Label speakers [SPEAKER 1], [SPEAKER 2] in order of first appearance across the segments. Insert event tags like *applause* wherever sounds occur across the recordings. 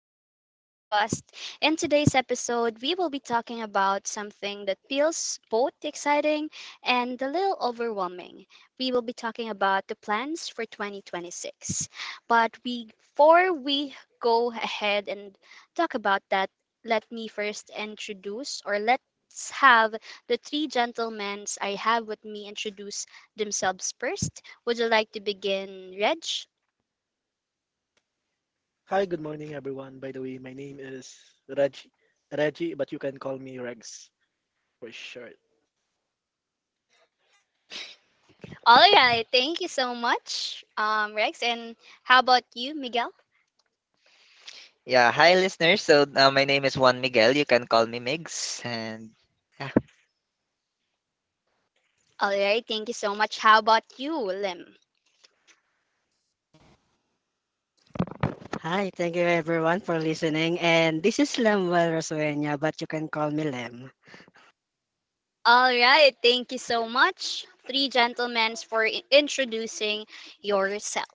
[SPEAKER 1] Matter podcast. In today's episode, we will be talking about something that feels both exciting and a little overwhelming. We will be talking about the plans for 2026. Before we go ahead and talk about that, let me first introduce, or let's have the three gentlemen I have with me introduce themselves first. Would you like to begin, Reg?
[SPEAKER 2] Hi, good morning, everyone. By the way, my name is Reggie. Reggie, but you can call me Regs for short.
[SPEAKER 1] All right, thank you so much, Rex. And how about you, Miguel?
[SPEAKER 3] Yeah, hi listeners. My name is Juan Miguel. You can call me Migs. And yeah.
[SPEAKER 1] All right, thank you so much. How about you, Lim?
[SPEAKER 4] Hi, thank you everyone for listening. And this is Lemuel Rosueña, but you can call me Lem.
[SPEAKER 1] All right, thank you so much, three gentlemen, for introducing yourself.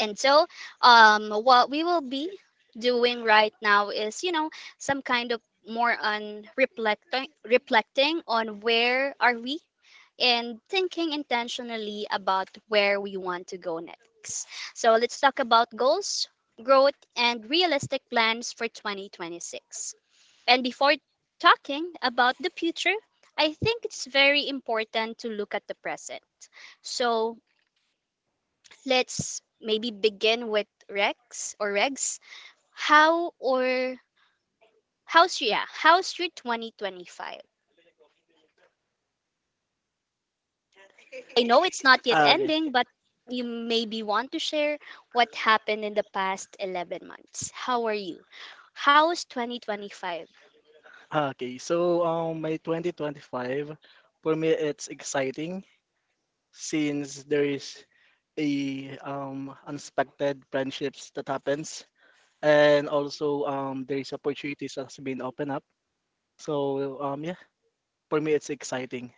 [SPEAKER 1] And so, what we will be doing right now is, you know, some kind of more on reflecting on where are we, and thinking intentionally about where we want to go next. So let's talk about goals, growth, and realistic plans for 2026. And before talking about the future, I think it's very important to look at the present. So, let's maybe begin with Rex or Regs. How or how's your how's your 2025? I know it's not yet
[SPEAKER 2] Ah, okay.
[SPEAKER 1] ending, but you maybe want to share what happened in the past 11 months. How are you? How's 2025?
[SPEAKER 2] My 2025, for me, it's exciting since there is a unexpected friendships that happens, and also there is opportunities that's been opened up. So yeah, for me, it's exciting.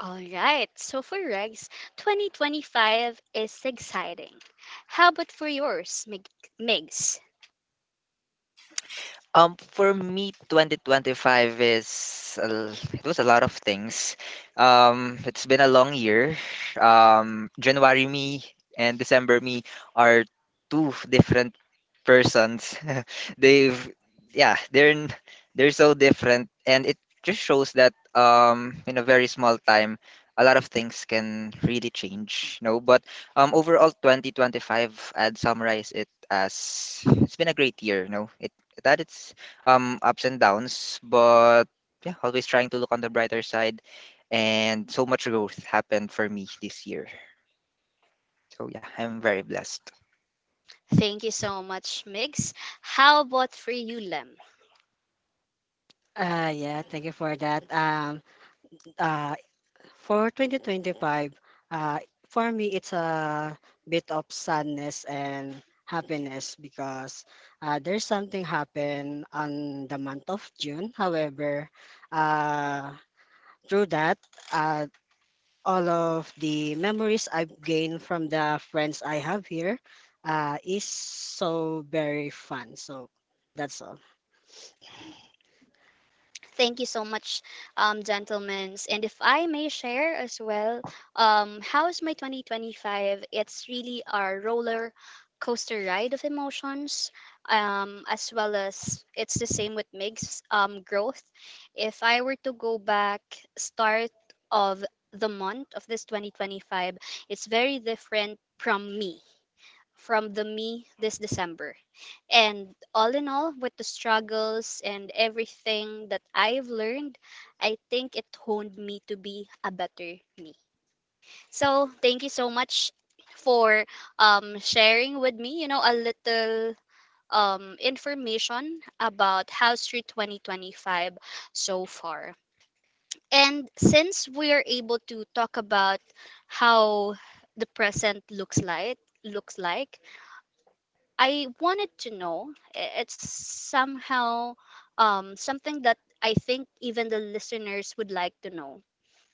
[SPEAKER 1] All right. So for Regs, 2025 is exciting. How about for yours, Migs?
[SPEAKER 3] For me, 2025 is it was a lot of things. It's been a long year. January me and December me are two different persons. *laughs* They've yeah, they're n- They're so different, and it just shows that in a very small time, a lot of things can really change. No, but overall, 2025, I'd summarize it as it's been a great year. No, it like that. It's ups and downs, but yeah, always trying to look on the brighter side. And so much growth happened for me this year. So yeah, I'm very blessed.
[SPEAKER 1] Thank you so much, Migs. How about for you, Lem?
[SPEAKER 4] Yeah, thank you for that. Uh, for 2025, uh, for me, it's a bit of sadness and happiness because there's something happened on the month of June. However, uh, through that, uh, all of the memories I've gained from the friends I have here is so very fun. So that's all.
[SPEAKER 1] Thank you so much, gentlemen. And if I may share as well, how's my 2025? It's really a roller coaster ride of emotions, as well as it's the same with Mig's, growth. If I were to go back, start of the month of this 2025, it's very different from me from the me this December. And all in all, with the struggles and everything that I've learned, I think it honed me to be a better me. So, thank you so much for, sharing with me, you know, a little, information about House Street 2025 so far. And since we are able to talk about how the present looks like, I wanted to know. It's somehow, something that I think even the listeners would like to know.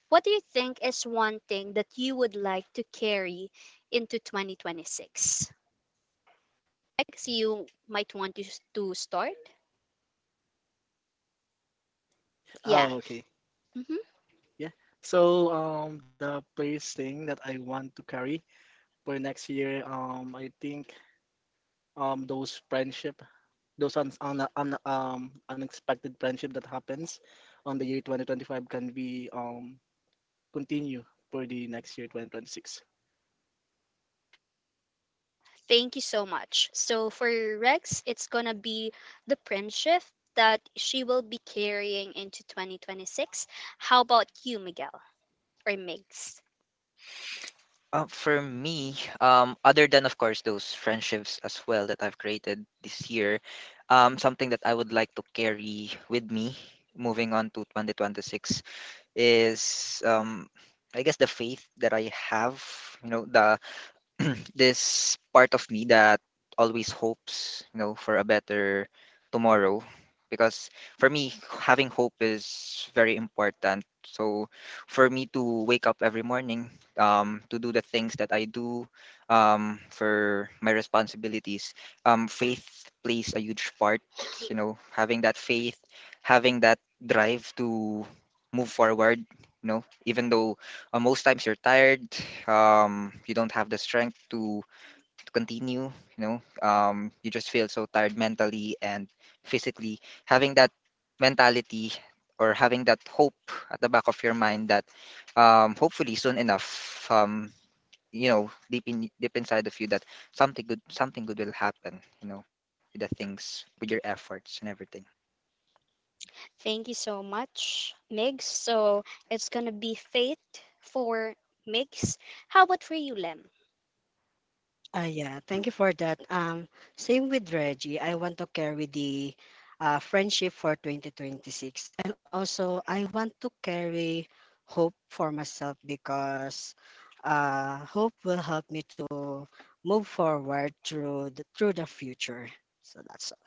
[SPEAKER 1] What do you think is one thing that you would like to carry into 2026? I see you might want to, to start. Yeah.
[SPEAKER 2] Ah, okay.
[SPEAKER 1] Hmm.
[SPEAKER 2] Yeah. So the first thing that I want to carry for next year, I think those friendship, those un un un unexpected friendship that happens on the year 2025 can be continue for the next year 2026.
[SPEAKER 1] Thank you so much. So for Rex, it's going to be the print shift that she will be carrying into 2026. How about you, Miguel or Migs?
[SPEAKER 3] For me, other than of course those friendships as well that I've created this year, something that I would like to carry with me moving on to 2026 is I guess the faith that I have, you know, the *clears throat* this part of me that always hopes, you know, for a better tomorrow. Because for me, having hope is very important. So for me to wake up every morning, to do the things that I do, for my responsibilities, faith plays a huge part. You know, having that faith, having that drive to move forward, you know, even though most times you're tired, you don't have the strength to continue, you know. You just feel so tired mentally and physically, having that mentality or having that hope at the back of your mind that hopefully soon enough, you know, deep inside of you that something good will happen, you know, with the things, with your efforts and everything.
[SPEAKER 1] Thank you so much, Migs. So it's gonna be Fate for Migs. How about for you, Lem?
[SPEAKER 4] Yeah, thank you for that. Same with Reggie. I want to carry the friendship for 2026. And also, I want to carry hope for myself because hope will help me to move forward through the future. So that's all.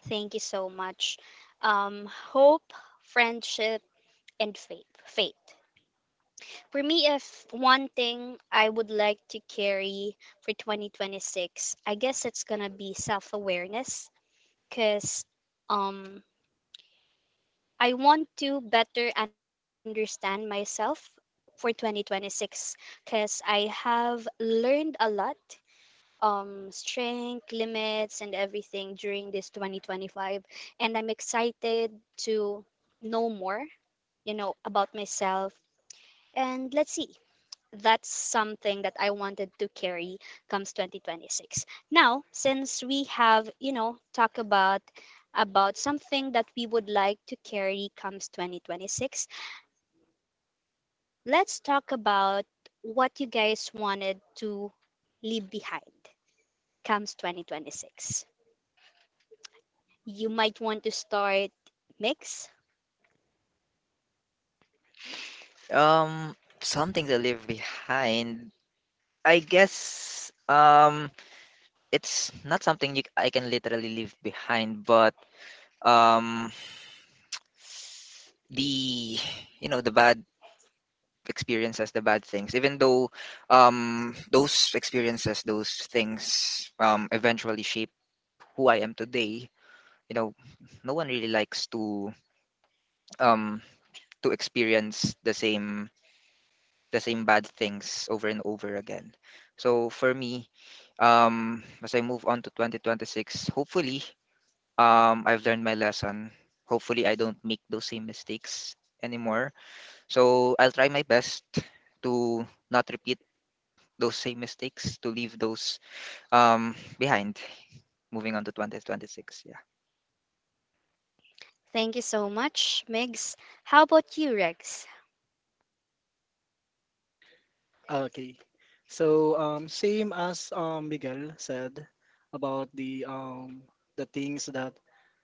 [SPEAKER 1] Thank you so much. Hope, friendship, and Faith. For me, if one thing I would like to carry for 2026, I guess it's gonna be self-awareness, cause, um, I want to better understand myself for 2026 because I have learned a lot, strength, limits, and everything during this 2025. And I'm excited to know more, you know, about myself. And let's see. That's something that I wanted to carry comes 2026. Now, since we have, you know, talk about something that we would like to carry comes 2026, let's talk about what you guys wanted to leave behind comes 2026. You might want to start, Mix.
[SPEAKER 3] um Something to leave behind, I guess it's not something you, I can literally leave behind, but um, the, you know, the bad experiences, the bad things, even though those experiences, those things eventually shape who I am today. You know, no one really likes um, to experience the same bad things over and over again. So for me, as I move on to 2026, hopefully I've learned my lesson. Hopefully I don't make those same mistakes anymore. So I'll try my best to not repeat those same mistakes, to leave those behind. Moving on to 2026, yeah.
[SPEAKER 1] Thank you so much, Mix. How about you, Rex?
[SPEAKER 2] Okay. So same as Miguel said about the things that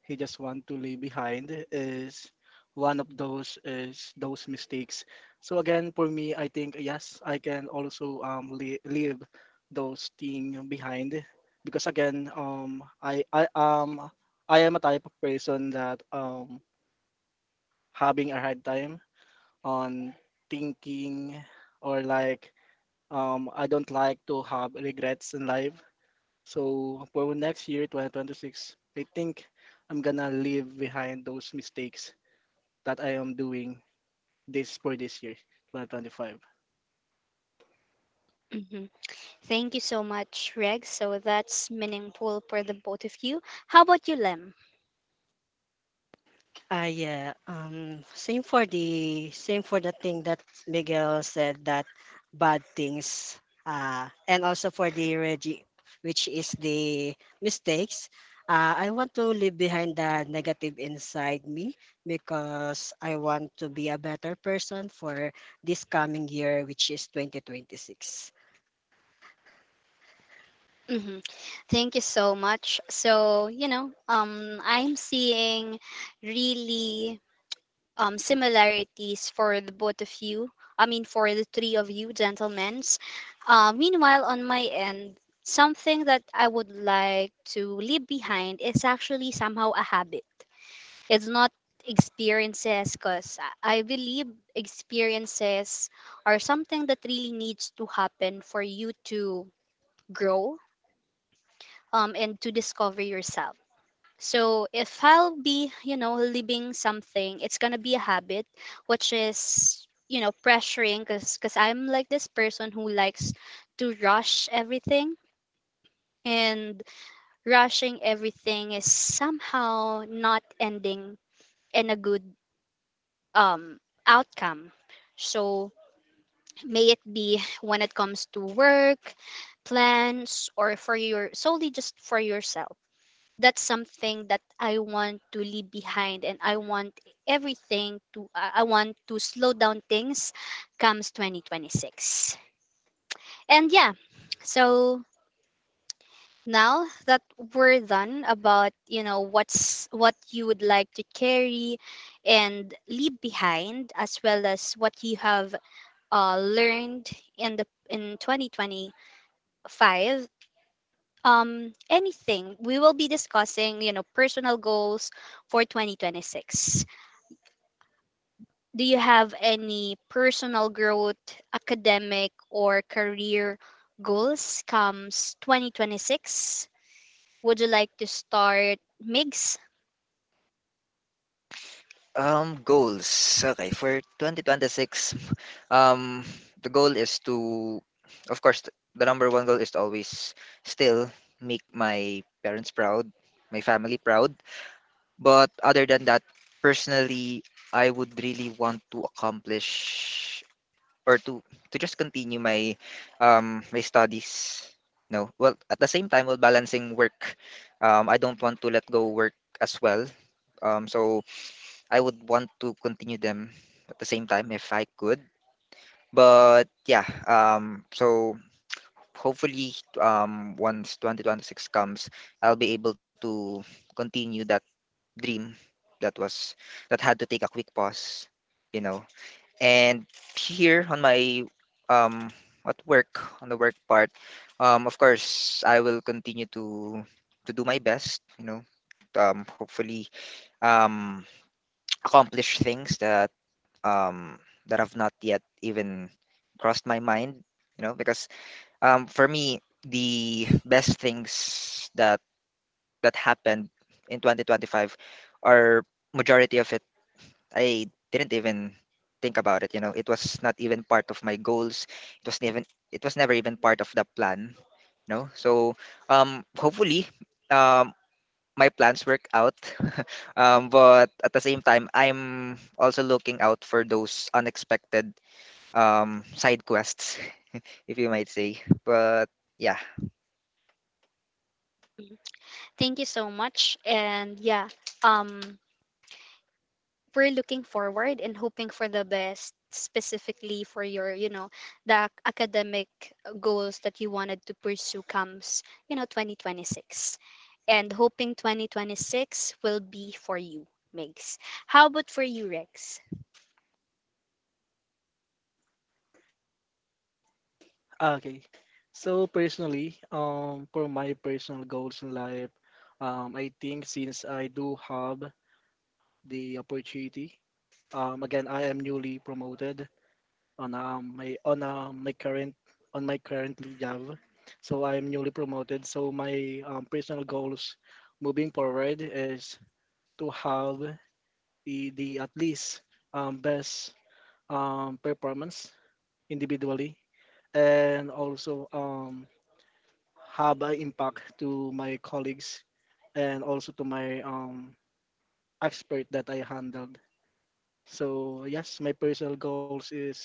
[SPEAKER 2] he just want to leave behind is one of those is those mistakes. So again, for me, I think yes, I can also leave those thing behind because again, um, I am a type of person that having a hard time on thinking or like I don't like to have regrets in life. So for next year, 2026, I think I'm gonna leave behind those mistakes that I am doing this for this year, 2025.
[SPEAKER 1] Hmm. Thank you so much, Rex. So that's meaningful for the both of you. How about you, Lem?
[SPEAKER 4] Yeah. Same for the thing that Miguel said, that bad things. And also for the Reggie, which is the mistakes. I want to leave behind the negative inside me because I want to be a better person for this coming year, which is 2026.
[SPEAKER 1] Hmm. Thank you so much. So, you know, I'm seeing really, similarities for the both of you. I mean, for the three of you, gentlemen. Meanwhile, on my end, something that I would like to leave behind is actually somehow a habit. It's not experiences, because I believe experiences are something that really needs to happen for you to grow, and to discover yourself. So if I'll be, you know, living something, it's gonna be a habit, which is, you know, pressuring because I'm like this person who likes to rush everything, and rushing everything is somehow not ending in a good, um, outcome. So may it be when it comes to work, plans, or for your solely just for yourself. That's something that I want to leave behind, and I want everything to, I want to slow down things comes 2026. And yeah, so now that we're done about, you know, what you would like to carry and leave behind, as well as what you have, learned in the in 2025, um, anything. We will be discussing, you know, personal goals for 2026. Do you have any personal growth, academic or career goals comes 2026? Would you like to start, Migs?
[SPEAKER 3] Goals. Okay, for 2026, um the goal is to of course the number one goal is to always still make my parents proud, my family proud. But other than that, personally, I would really want to accomplish or to just continue my my studies. No, well, at the same time, while balancing work, I don't want to let go work as well. So I would want to continue them at the same time if I could. But yeah, so hopefully, once 2026 comes, I'll be able to continue that dream that was that had to take a quick pause, you know. And here on my um at work, on the work part, of course I will continue to do my best, you know. Hopefully um *tsk* accomplish things that um that have not yet even crossed my mind, you know, because for me, the best things that that happened in 2025, or majority of it, I didn't even think about it, you know. It was not even part of my goals. it was never it was never even part of the plan, no. So hopefully um my plans work out. *laughs* But at the same time, I'm also looking out for those unexpected side quests, *laughs* if you might say, but yeah.
[SPEAKER 1] Thank you so much. And yeah, um, we're looking forward and hoping for the best, specifically for your, you know, the academic, goals that you wanted to pursue comes, you know, 2026, and hoping 2026 will be for you, Megs. How about for you, Rex?
[SPEAKER 2] Ah, okay. So personally, for my personal goals in life, I think since I do have the opportunity, again, I am newly promoted. On my on my current on my current job. So I'm newly promoted. So my personal goals moving forward is to have the at least best performance individually, and also have an impact to my colleagues and also to my expert that I handled. So yes, my personal goals is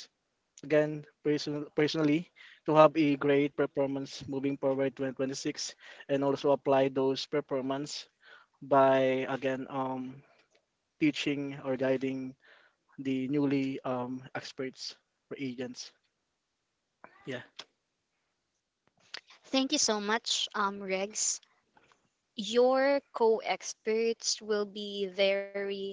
[SPEAKER 2] again personally to have a great performance moving forward 2026 and also apply those performance by again teaching or guiding the newly experts or agents. Yeah.
[SPEAKER 1] Thank you so much, Rex. Your co experts will be very,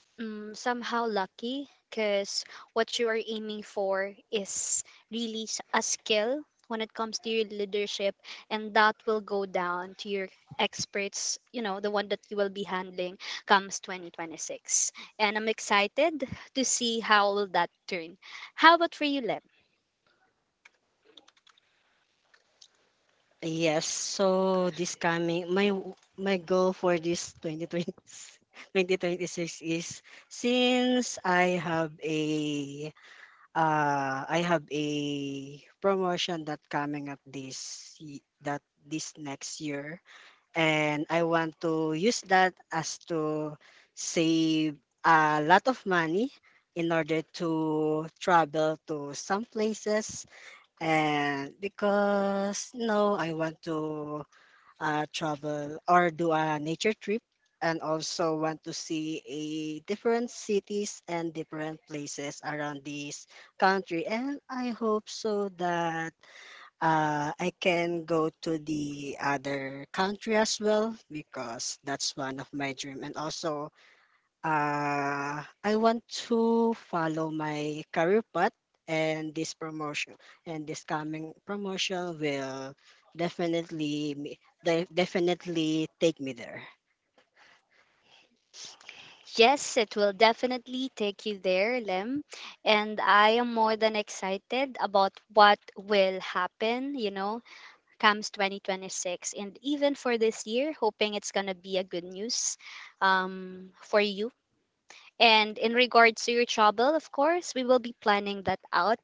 [SPEAKER 1] mm, somehow lucky because what you are aiming for is really, a skill when it comes to your leadership, and that will go down to your experts, you know, the one that you will be handling comes 2026. And I'm excited to see how will that turn. How about for you, Lem?
[SPEAKER 4] Yes, so this coming my goal for this 2020 2026 is since I have a promotion that coming up that this next year, and I want to use that as to save a lot of money in order to travel to some places. And because no, I want to travel or do a nature trip, and also want to see a different cities and different places around this country. And I hope so that I can go to the other country as well, because that's one of my dream. And also, I want to follow my career path, and this promotion, and this coming promotion will definitely me- definitely take me there.
[SPEAKER 1] Yes, it will definitely take you there, Lem, and I am more than excited about what will happen, you know, comes 2026. And even for this year, hoping it's going to be a good news, for you. And in regards to your trouble, of course, we will be planning that out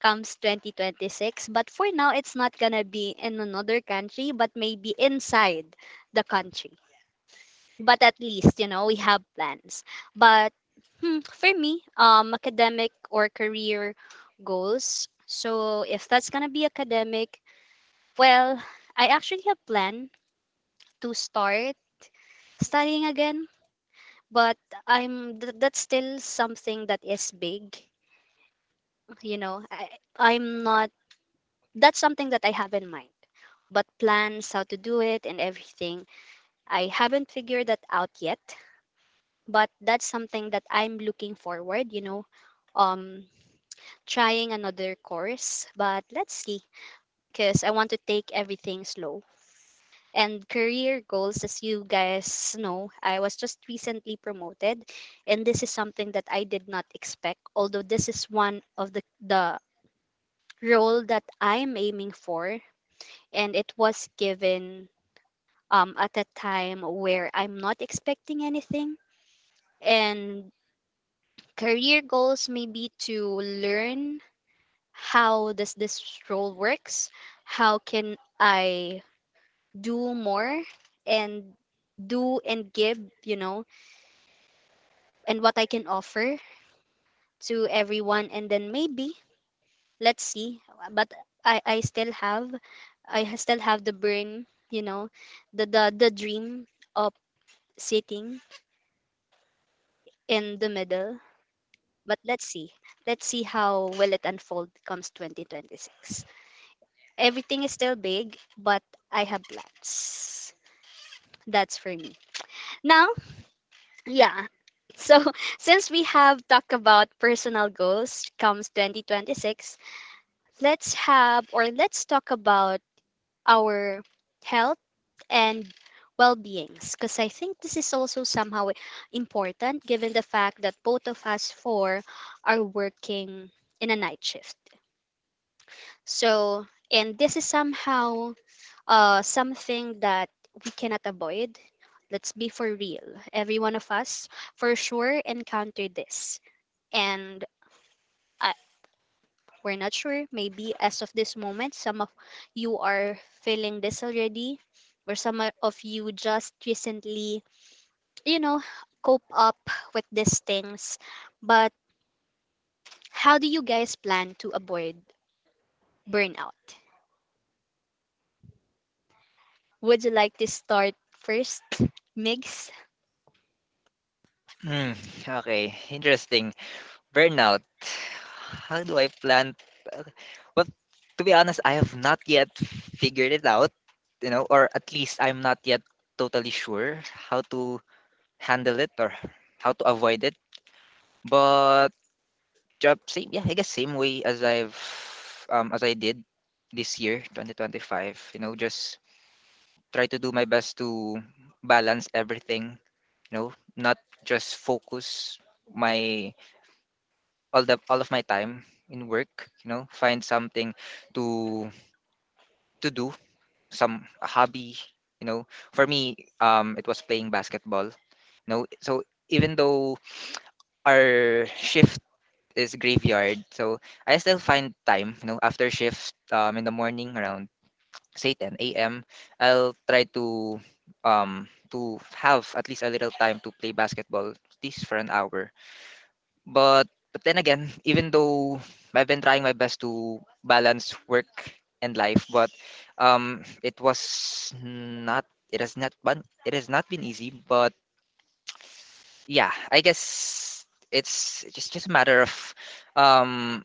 [SPEAKER 1] comes 2026, but for now, it's not going to be in another country, but maybe inside the country. But at least, you know, we have plans. But hmm, for me, um, academic or career goals, so if that's going to be academic, well, I actually have plan to start studying again, but that's still something that is big. You know, I, I'm not. That's something that I have in mind, but plans, how to do it, and everything, I haven't figured that out yet, but that's something that I'm looking forward. You know, um, trying another course, but let's see, because I want to take everything slow. And career goals, as you guys know, I was just recently promoted, and this is something that I did not expect, although this is one of the role that I'm aiming for, and it was given, at a time where I'm not expecting anything. And career goals may be to learn how does this role works, how can I do more, and do and give, you know, and what I can offer to everyone, and then maybe, let's see. But I still have, still have the brain, you know, the the dream of sitting in the middle, but let's see, let's see how will it unfold comes 2026. Everything is still big, but I have plans. That's for me now. Yeah. So *laughs* since we have talked about personal goals comes 2026, let's have, or let's talk about our health and well-beings, because I think this is also somehow important, given the fact that both of us four are working in a night shift. So, and this is somehow, something that we cannot avoid. Let's be for real. Every one of us for sure encountered this. And I we're not sure. Maybe as of this moment, some of you are feeling this already, or some of you just recently, you know, cope up with these things. But how do you guys plan to avoid burnout? Would you like to start first, Migs?
[SPEAKER 3] Mm, okay, interesting. Burnout. How do I plan? Well, to be honest, I have not yet figured it out, you know, or at least I'm not yet totally sure how to handle it or how to avoid it. But job same, yeah, I guess same way as I've as I did this year, 2025. You know, just try to do my best to balance everything, you know, not just focus my all of my time in work, you know. Find something to to do, some a hobby, you know. For me, it was playing basketball, you know. So even though our shift is graveyard, so I still find time, you know, after shift, in the morning, around say 10 a.m., I'll try to have at least a little time to play basketball, at least for an hour. But then again, even though I've been trying my best to balance work and life, but it was not. It has not been. It has not been easy. But yeah, I guess it's just a matter um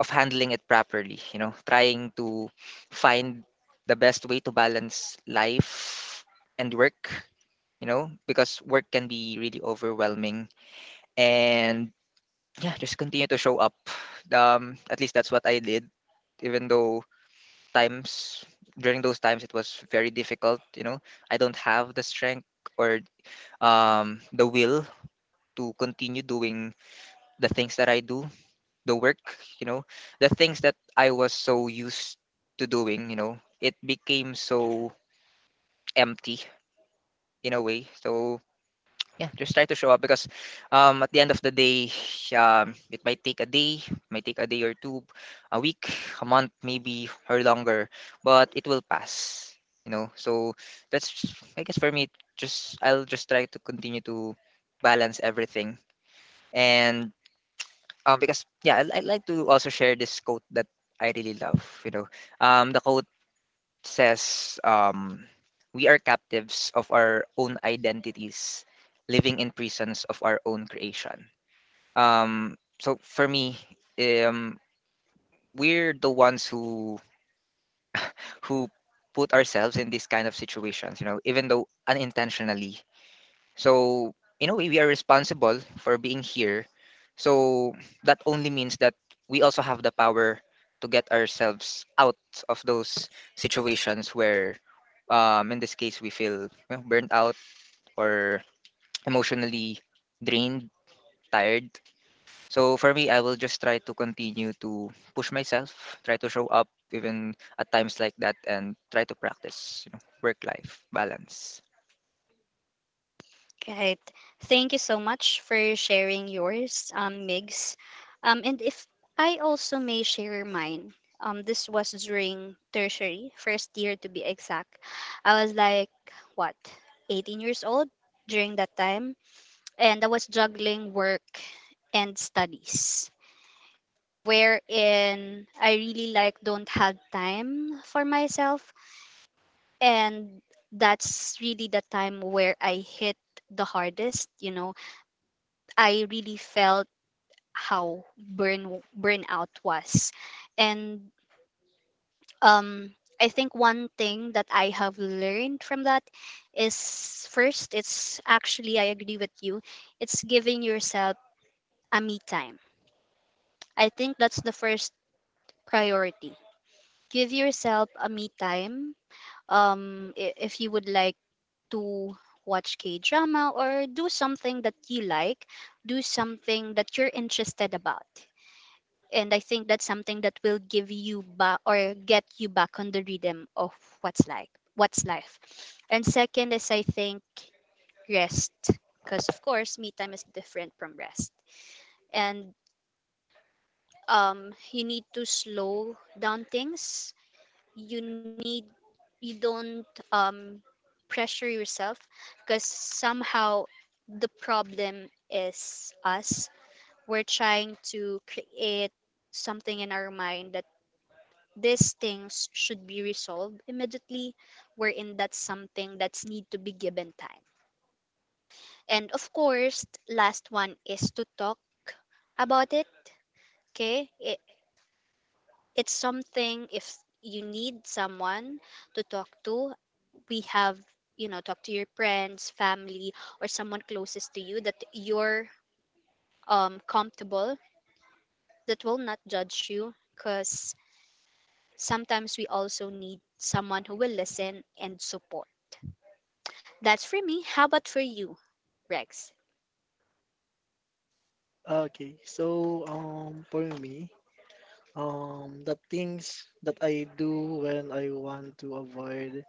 [SPEAKER 3] of handling it properly. You know, trying to find the best way to balance life and work, you know, because work can be really overwhelming. And yeah, just continue to show up. At least that's what I did, even though times during those times it was very difficult. You know, I don't have the strength or the will to continue doing the things that I do, the work. You know, the things that I was so used to doing. You know, it became so empty in a way. So yeah, just try to show up, because at the end of the day, it might take a day, might take a day or two, a week, a month, maybe or longer, but it will pass. You know, so that's, I guess, for me, just I'll just try to continue to balance everything, and because yeah, I like to also share this quote that I really love. You know, the quote says we are captives of our own identities, living in prisons of our own creation. So for me, um, we're the ones who put ourselves in these kind of situations, you know, even though unintentionally. So, in a way, we are responsible for being here. So, that only means that we also have the power to get ourselves out of those situations where, in this case, we feel you burnt out or emotionally drained, tired. So, for me, I will just try to continue to push myself, try to show up even at times like that, and try to practice, you know, work life balance.
[SPEAKER 1] Right. Thank you so much for sharing yours, Migs. And if I also may share mine, this was during tertiary, first year to be exact. I was like, what, 18 years old during that time. And I was juggling work and studies, wherein I really like don't have time for myself. And that's really the time where I hit the hardest, you know, I really felt how burnout was. And, um, I think one thing that I have learned from that is, first, it's actually I agree with you. It's giving yourself a me time. I think that's the first priority. Give yourself a me time. If you would like to watch K-drama or do something that you like, do something that you're interested about, and I think that's something that will give you back or get you back on the rhythm of what's like what's life. And second is, I think, rest, because of course me time is different from rest. And you need to slow down things. You need, you don't, um, pressure yourself, because somehow the problem is us. We're trying to create something in our mind that these things should be resolved immediately, wherein that's something that's need to be given time. And of course last one is to talk about it. Okay, it's something, if you need someone to talk to, we have, you know, talk to your friends, family, or someone closest to you that you're comfortable, that will not judge you, because sometimes we also need someone who will listen and support. That's for me. How about for you, Rex?
[SPEAKER 2] Okay, so for me the things that I do when I want to avoid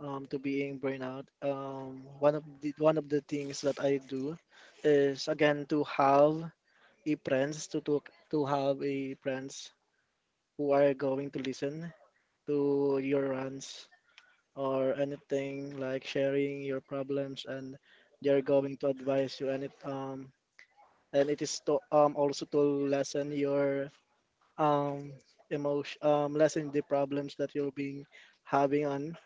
[SPEAKER 2] to being burnout, one of the things that I do is again to have a friends to have a friends who are going to listen to your rants or anything like sharing your problems, and they're going to advise you, and it is to also to lessen your um emotion, lessen the problems that you're being having on.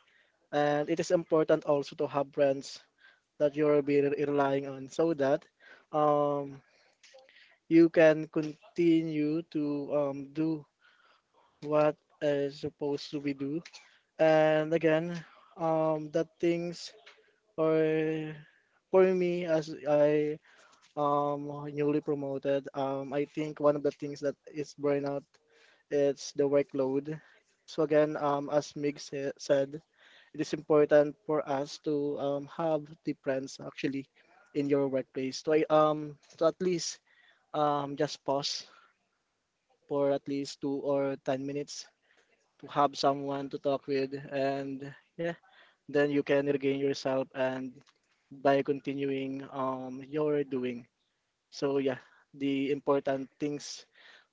[SPEAKER 2] And it is important also to have friends that you'll be relying on so that um you can continue to do what is supposed to be do. And again, that things are for me as I um newly promoted. I think one of the things that is burnout is the workload. So again, as said, it is important for us to have the friends actually in your workplace. So so at least just pause for at least 2 or 10 minutes to have someone to talk with, and yeah, then you can regain yourself and by continuing your doing. So yeah, the important things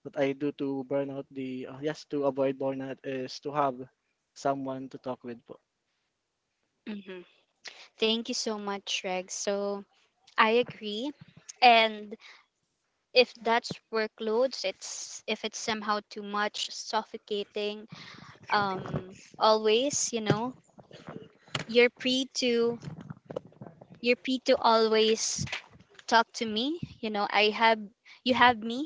[SPEAKER 2] that I do to burn out the yes, to avoid burnout is to have someone to talk with po.
[SPEAKER 1] Mm-hmm. Thank you so much, Rex. So I agree. And if that's workloads, it's, if it's somehow too much, suffocating, always, you know, you're free to you're free to always talk to me. You know, I have, you have me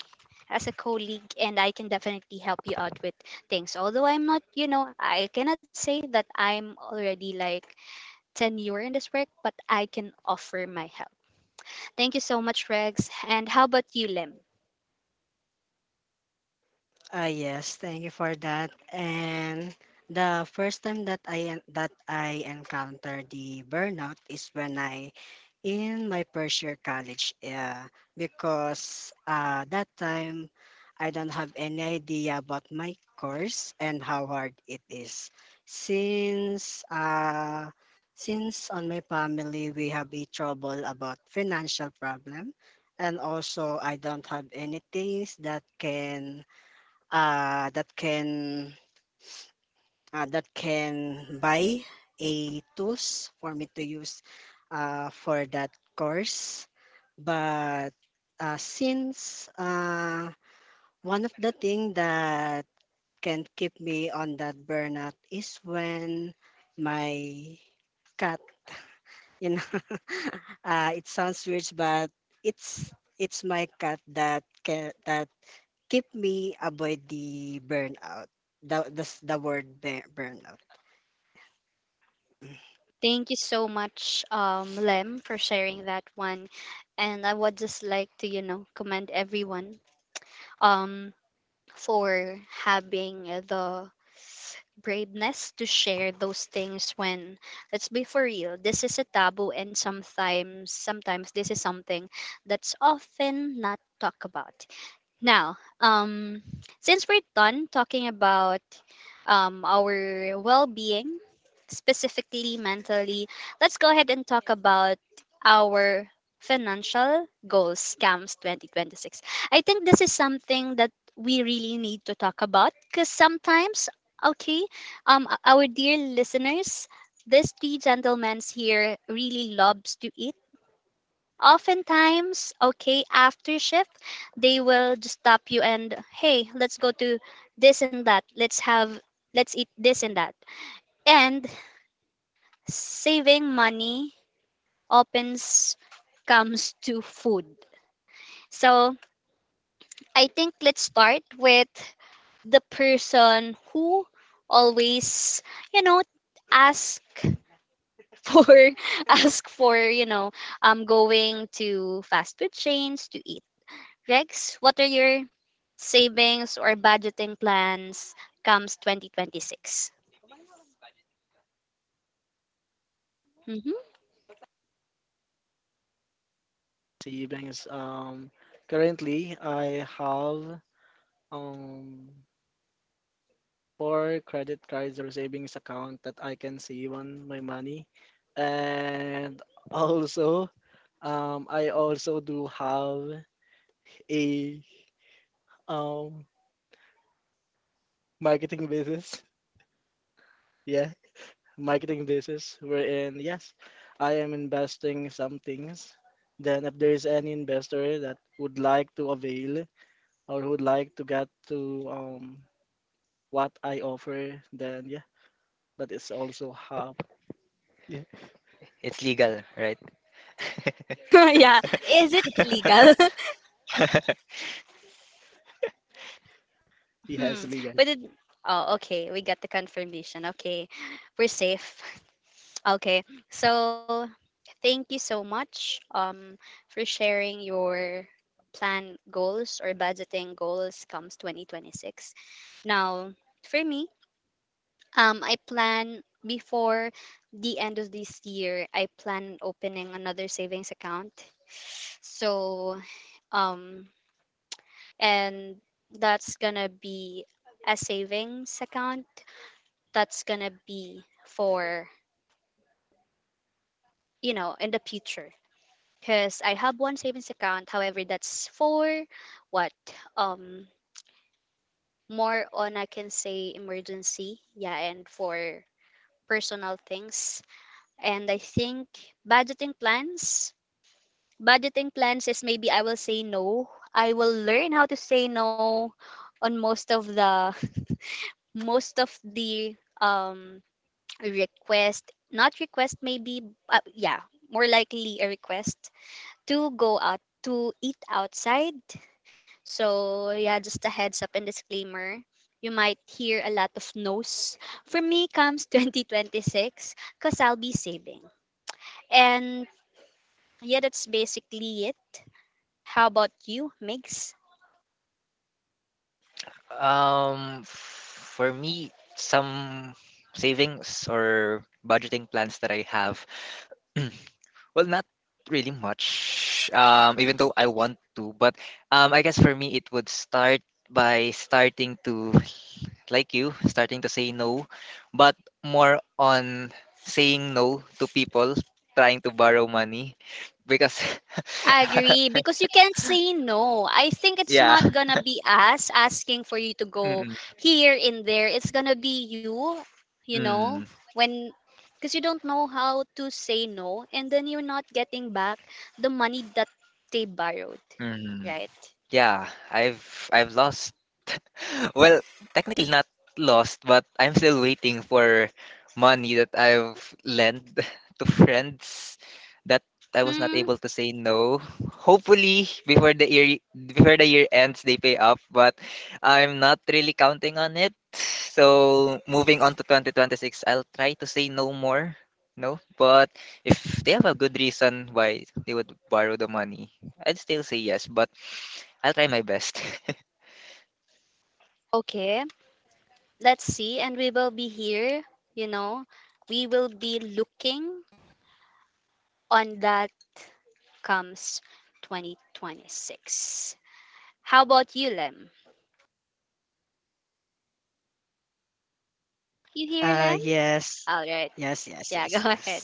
[SPEAKER 1] as a colleague, and I can definitely help you out with things. Although I'm not, you know, I cannot say that I'm already like tenure in this work, but I can offer my help. Thank you so much, Rex. And how about you, Lem?
[SPEAKER 4] Yes, thank you for that. And the first time that that I encountered the burnout is when I, in my first year college, because that time I don't have any idea about my course and how hard it is. Since since on my family we have a trouble about financial problem, and also I don't have any things that can uh, that can that can buy a tools for me to use for that course. But since one of the thing that can keep me on that burnout is when my cat, you know, *laughs* it sounds weird, but it's it's my cat that can, that keep me avoid the burnout. The word burnout.
[SPEAKER 1] Thank you so much, Lem, for sharing that one. And I would just like to, you know, commend everyone um, for having the braveness to share those things. When, let's be for real, this is a taboo, and sometimes this is something that's often not talked about. Now, since we're done talking about our well being, specifically mentally, let's go ahead and talk about our financial goals, SCAMS 2026. I think this is something that we really need to talk about because sometimes, okay, our dear listeners, these three gentlemen here really loves to eat. Oftentimes, okay, after shift, they will just stop you and, hey, let's go to this and that. Let's eat this and that. And saving money opens, comes to food. So I think let's start with the person who always, you know, ask for *laughs* ask for, you know, going to fast food chains to eat. Rex, what are your savings or budgeting plans comes 2026? Mm-hmm.
[SPEAKER 2] Si Bengs, currently I have um four credit cards or savings account that I can save on my money, and *laughs* also, um, I also do have a um marketing business. Yeah, marketing business wherein yes, I am investing some things. Then if there is any investor that would like to avail or would like to get to what I offer, then yeah, that is also how. Yeah,
[SPEAKER 3] It's legal, right?
[SPEAKER 1] *laughs* Yeah. Is it legal? *laughs*
[SPEAKER 3] *laughs*
[SPEAKER 1] Hmm.
[SPEAKER 2] yes, legal.
[SPEAKER 1] We did. Oh, okay. We got the confirmation. Okay. We're safe. *laughs* Okay. So thank you so much, for sharing your plan goals or budgeting goals comes 2026. Now, for me, I plan before the end of this year, I plan opening another savings account. So, um, and that's gonna be a savings account that's gonna be for, you know, in the future. Because I have one savings account, however, that's for what? Um, more on, I can say, emergency. Yeah, and for personal things. And I think budgeting plans. Budgeting plans is, maybe I will say no. I will learn how to say no on most of the *laughs* most of the um request, not request, maybe, yeah, more likely a request to go out to eat outside. So, yeah, just a heads up and disclaimer. You might hear a lot of no's. For me comes *laughs* 2026, because I'll be saving. And yeah, that's basically it. How about you, Migs?
[SPEAKER 3] For me, some savings or budgeting plans that I have. *clears throat* Well, not really much. Even though I want to, but I guess for me it would start by starting to, like you, starting to say no, but more on saying no to people trying to borrow money, because
[SPEAKER 1] I
[SPEAKER 3] *laughs*
[SPEAKER 1] agree, because you can't say no. I think it's
[SPEAKER 3] yeah.
[SPEAKER 1] not gonna
[SPEAKER 3] *laughs*
[SPEAKER 1] be us asking for you to go
[SPEAKER 3] Mm-mm.
[SPEAKER 1] here and there. It's gonna be you, you know,
[SPEAKER 3] Mm.
[SPEAKER 1] when, because you don't know how to say no, and then you're not getting back the money that they borrowed,
[SPEAKER 3] Mhm.
[SPEAKER 1] right?
[SPEAKER 3] Yeah, I've lost, well, technically not lost, but I'm still waiting for money that I've lent *laughs* to friends that I was not
[SPEAKER 1] Hmm.
[SPEAKER 3] able to say no. Hopefully, before the year ends, they pay up, but I'm not really counting on it. So, moving on to 2026, I'll try to say no more. No, but if they have a good reason why they would borrow the money, I'd still say yes, but I'll try my best. *laughs*
[SPEAKER 1] Okay. Let's see, and we will be here, you know. We will be looking on that comes 2026. How about you, Lem? You here, Lem?
[SPEAKER 4] Yes.
[SPEAKER 1] All right.
[SPEAKER 4] Yes, yes,
[SPEAKER 1] Yeah, *laughs* go
[SPEAKER 4] yes,
[SPEAKER 1] ahead.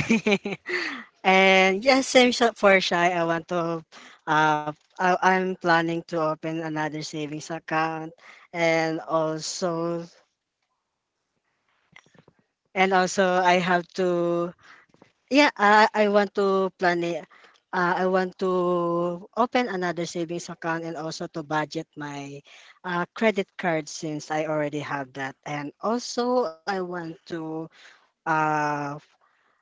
[SPEAKER 4] yes. *laughs* And yes, for Shy. I want to, uh, I, I'm planning to open another savings account, and also, and also I have to, yeah, I want to plan it. I want to open another savings account, and also to budget my credit card since I already have that. And also, I want to, uh,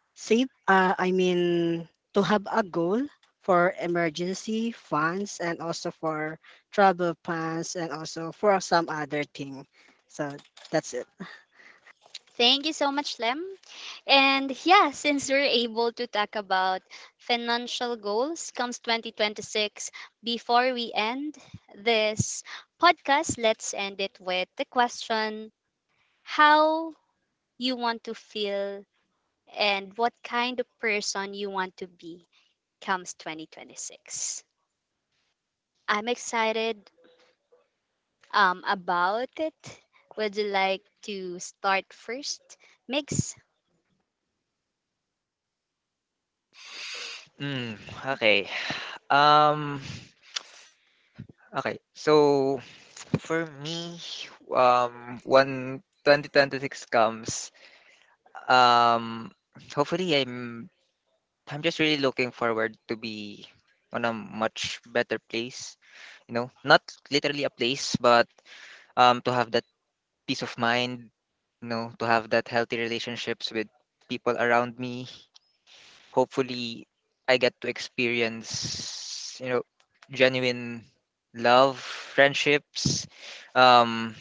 [SPEAKER 4] save, I mean, to have a goal for emergency funds, and also for travel plans, and also for some other thing. So that's it.
[SPEAKER 1] Thank you so much, Lem. And yeah, since we're able to talk about financial goals comes 2026, before we end this podcast, let's end it with the question: how you want to feel and what kind of person you want to be comes 2026. I'm excited about it. Would you like to start first, Migs?
[SPEAKER 3] Mm, okay. Um, okay. So for me, when 2026 comes, um, hopefully I'm just really looking forward to be on a much better place. You know, not literally a place, but to have that peace of mind. You know, to have that healthy relationships with people around me. Hopefully I get to experience, you know, genuine love, friendships, um,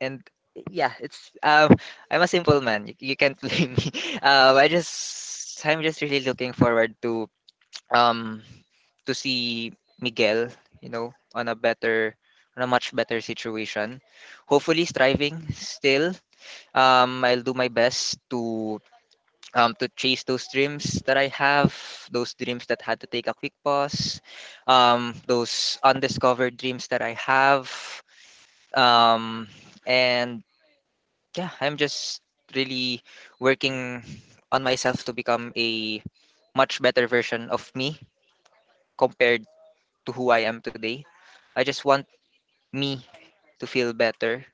[SPEAKER 3] and yeah, it's I'm a simple man. You can't blame me. *laughs* I just, I'm just really looking forward um to see Miguel, you know, on a better on a much better situation. Hopefully striving still. I'll do my best to chase those dreams that I have, those dreams that had to take a quick pause, those undiscovered dreams that I have. Um, and yeah, I'm just really working on myself to become a much better version of me compared to who I am today. I just want me to feel better,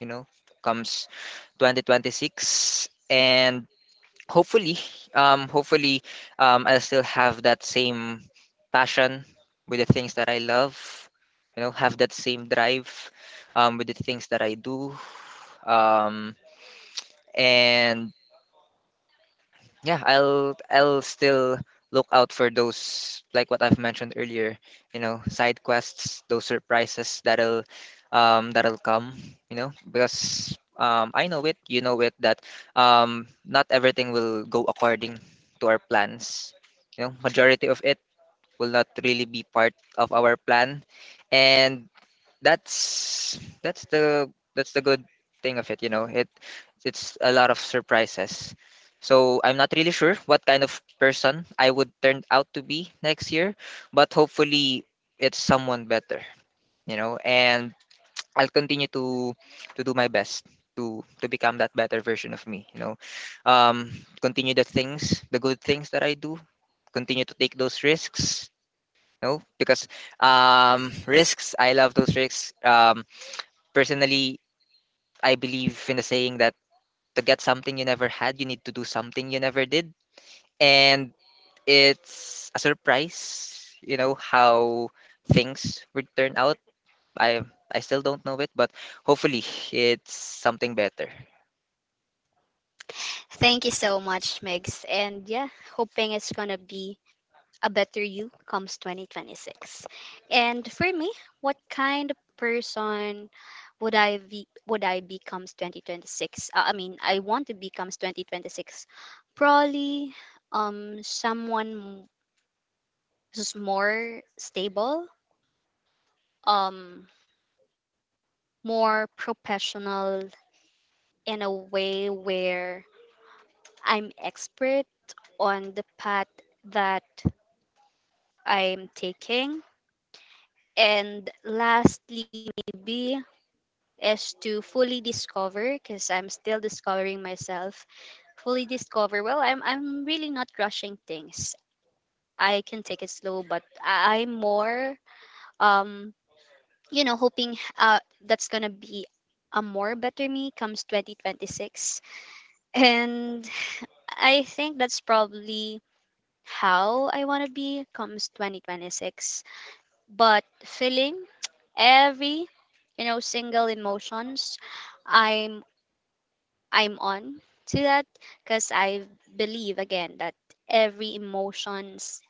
[SPEAKER 3] you know, comes 2026. And hopefully hopefully I'll still have that same passion with the things that I love, you know. Have that same drive with the things that I do. um and yeah, I'll still look out for those, like what I've mentioned earlier, you know, side quests, those surprises that'll that'll come, you know, because I know it, you know it, that not everything will go according to our plans. You know, majority of it will not really be part of our plan. And that's that's the good thing of it, you know. It, it's a lot of surprises. So I'm not really sure what kind of person I would turn out to be next year, but hopefully it's someone better, you know. And I'll continue to do my best to become that better version of me, you know. um Continue the things, the good things that I do. Continue to take those risks, no, because risks, I love those risks. Personally, I believe in the saying that to get something you never had, you need to do something you never did. And it's a surprise, you know, how things would turn out. I I still don't know it, but hopefully it's something better.
[SPEAKER 1] Thank you so much, Migs. And yeah, hoping it's gonna be a better you comes 2026. And for me, what kind of person would I be? Would I becomes 2026? I mean, I want to becomes 2026. Probably someone who's more stable. Um, more professional, in a way where I'm expert on the path that I'm taking. And lastly, maybe is to fully discover, because I'm still discovering myself. Fully discover. Well, I'm really not rushing things. I can take it slow, but I'm more um you know, hoping, uh, that's gonna be a more better me comes 2026. And I think that's probably how I want to be comes 2026. But feeling *tsk* every, you know, single emotions, I'm I'm on to that, because I believe again that every emotions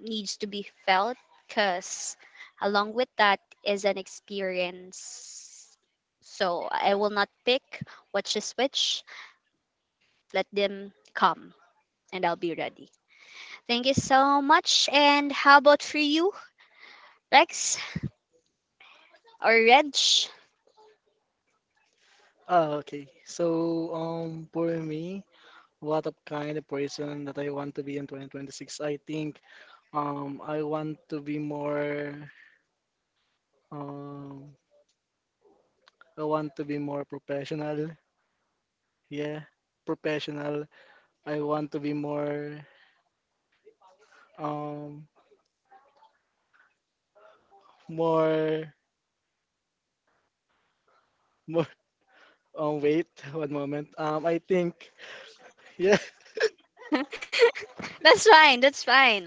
[SPEAKER 1] needs to be felt, because along with that is an experience. So I will not pick which is which. Let them come, and I'll be ready. Thank you so much. And how about for you, Rex or Reg?
[SPEAKER 2] Ah, okay. So for me, what of kind of person that I want to be in 2026? I think I want to be more, um, I want to be more professional. Yeah, professional. I want to be more, um, more more. *laughs* Wait, one moment. I think yeah.
[SPEAKER 1] That's fine. That's fine.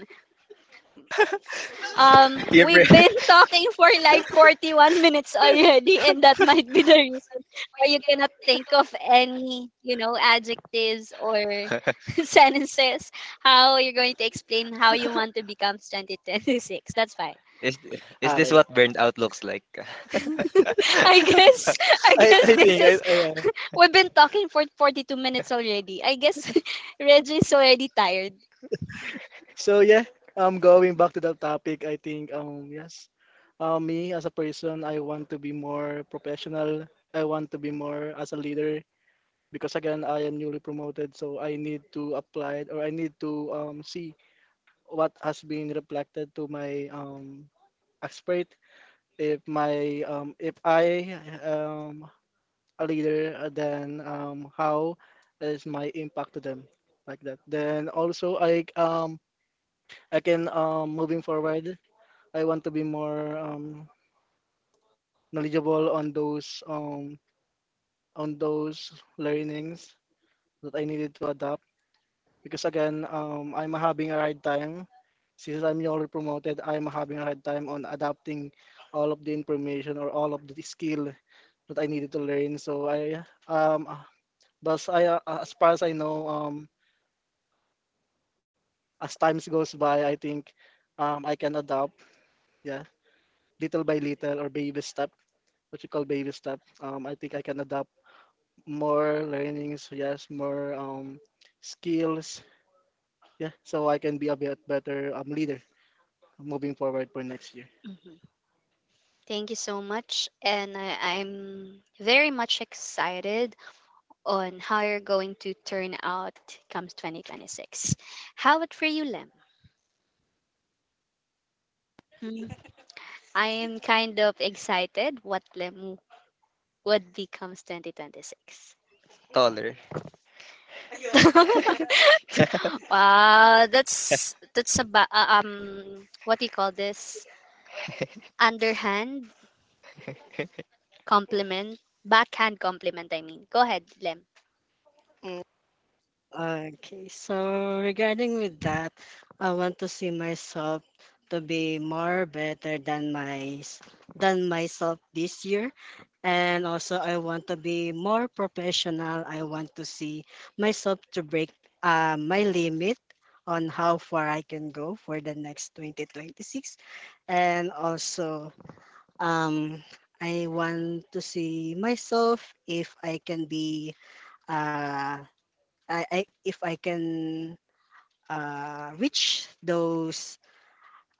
[SPEAKER 3] *laughs*
[SPEAKER 1] We've been *laughs* talking for like 41 minutes already, and that might be the reason why you cannot think of any, you know, adjectives or *laughs* sentences. How you're going to explain how you want to become 2026. That's fine.
[SPEAKER 2] *laughs*
[SPEAKER 3] Is this
[SPEAKER 2] Okay.
[SPEAKER 3] what burned out looks like?
[SPEAKER 1] *laughs* I guess. I
[SPEAKER 2] I
[SPEAKER 1] guess
[SPEAKER 2] I
[SPEAKER 1] this
[SPEAKER 2] think I,
[SPEAKER 1] is.
[SPEAKER 2] I
[SPEAKER 3] *laughs*
[SPEAKER 1] We've been talking for 42 minutes already. I guess *laughs* Reg is already tired.
[SPEAKER 2] so yeah, going back to the topic, I think yes, me as a person, I want to be more professional. I want to be more as a leader because again, I am newly promoted, so I need to apply or I need to see what has been reflected to my expert. If my if I a leader, then how is my impact to them like that? Then also I can moving forward. I want to be more knowledgeable on those learnings that I needed to adapt because again I'm having a hard time since I'm newly promoted. I'm having a hard time on adapting all of the information or all of the skill that I needed to learn. So I um but I as far as I know, as times goes by, I think I can adapt. Yeah, little by little or baby step, what you call baby step. I think I can adapt more learnings, yes, more skills, yeah, so I can be a bit better leader moving forward for next year.
[SPEAKER 1] Thank you so much. And I'm very much excited on how you're going to turn out comes 2026. How about for you, Lem? Hmm, I am kind of excited what Lem would becomes 2026.
[SPEAKER 3] Taller.
[SPEAKER 1] *laughs* Wow, that's about, um, what do you call this? Underhand
[SPEAKER 3] *laughs*
[SPEAKER 1] compliment, backhand compliment. I mean, go ahead, Lem.
[SPEAKER 4] Okay, so regarding with that, I want to see myself to be more better than than myself this year. And also I want to be more professional. I want to see myself to break my limit on how far I can go for the next 2026. And also, um, I want to see myself if I can be uh I if I can reach those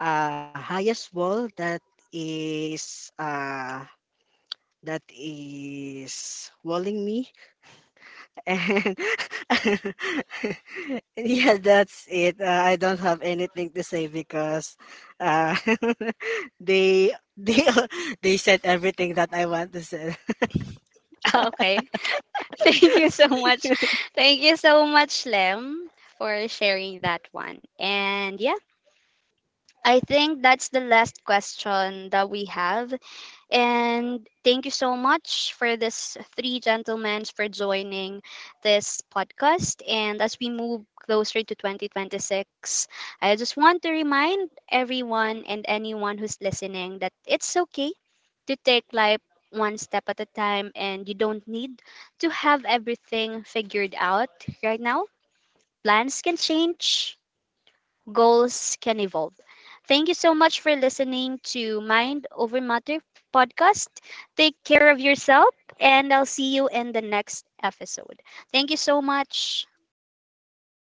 [SPEAKER 4] highest wall is uh, that is walling me *laughs* and *laughs* yeah that's it. I don't have anything to say because uh, *laughs* they *laughs* they said everything that I want to say.
[SPEAKER 1] *laughs* Okay. *laughs* Thank you so much. Thank you so much, Lem, for sharing that one. And yeah, I think that's the last question that we have. And thank you so much for this three gentlemen for joining this podcast. And as we move closer to 2026, I just want to remind everyone and anyone who's listening that it's okay to take life one step at a time, and you don't need to have everything figured out right now. Plans can change, goals can evolve. Thank you so much for listening to Mind Over Matter podcast. Take care of yourself, and I'll see you in the next episode. Thank you so much.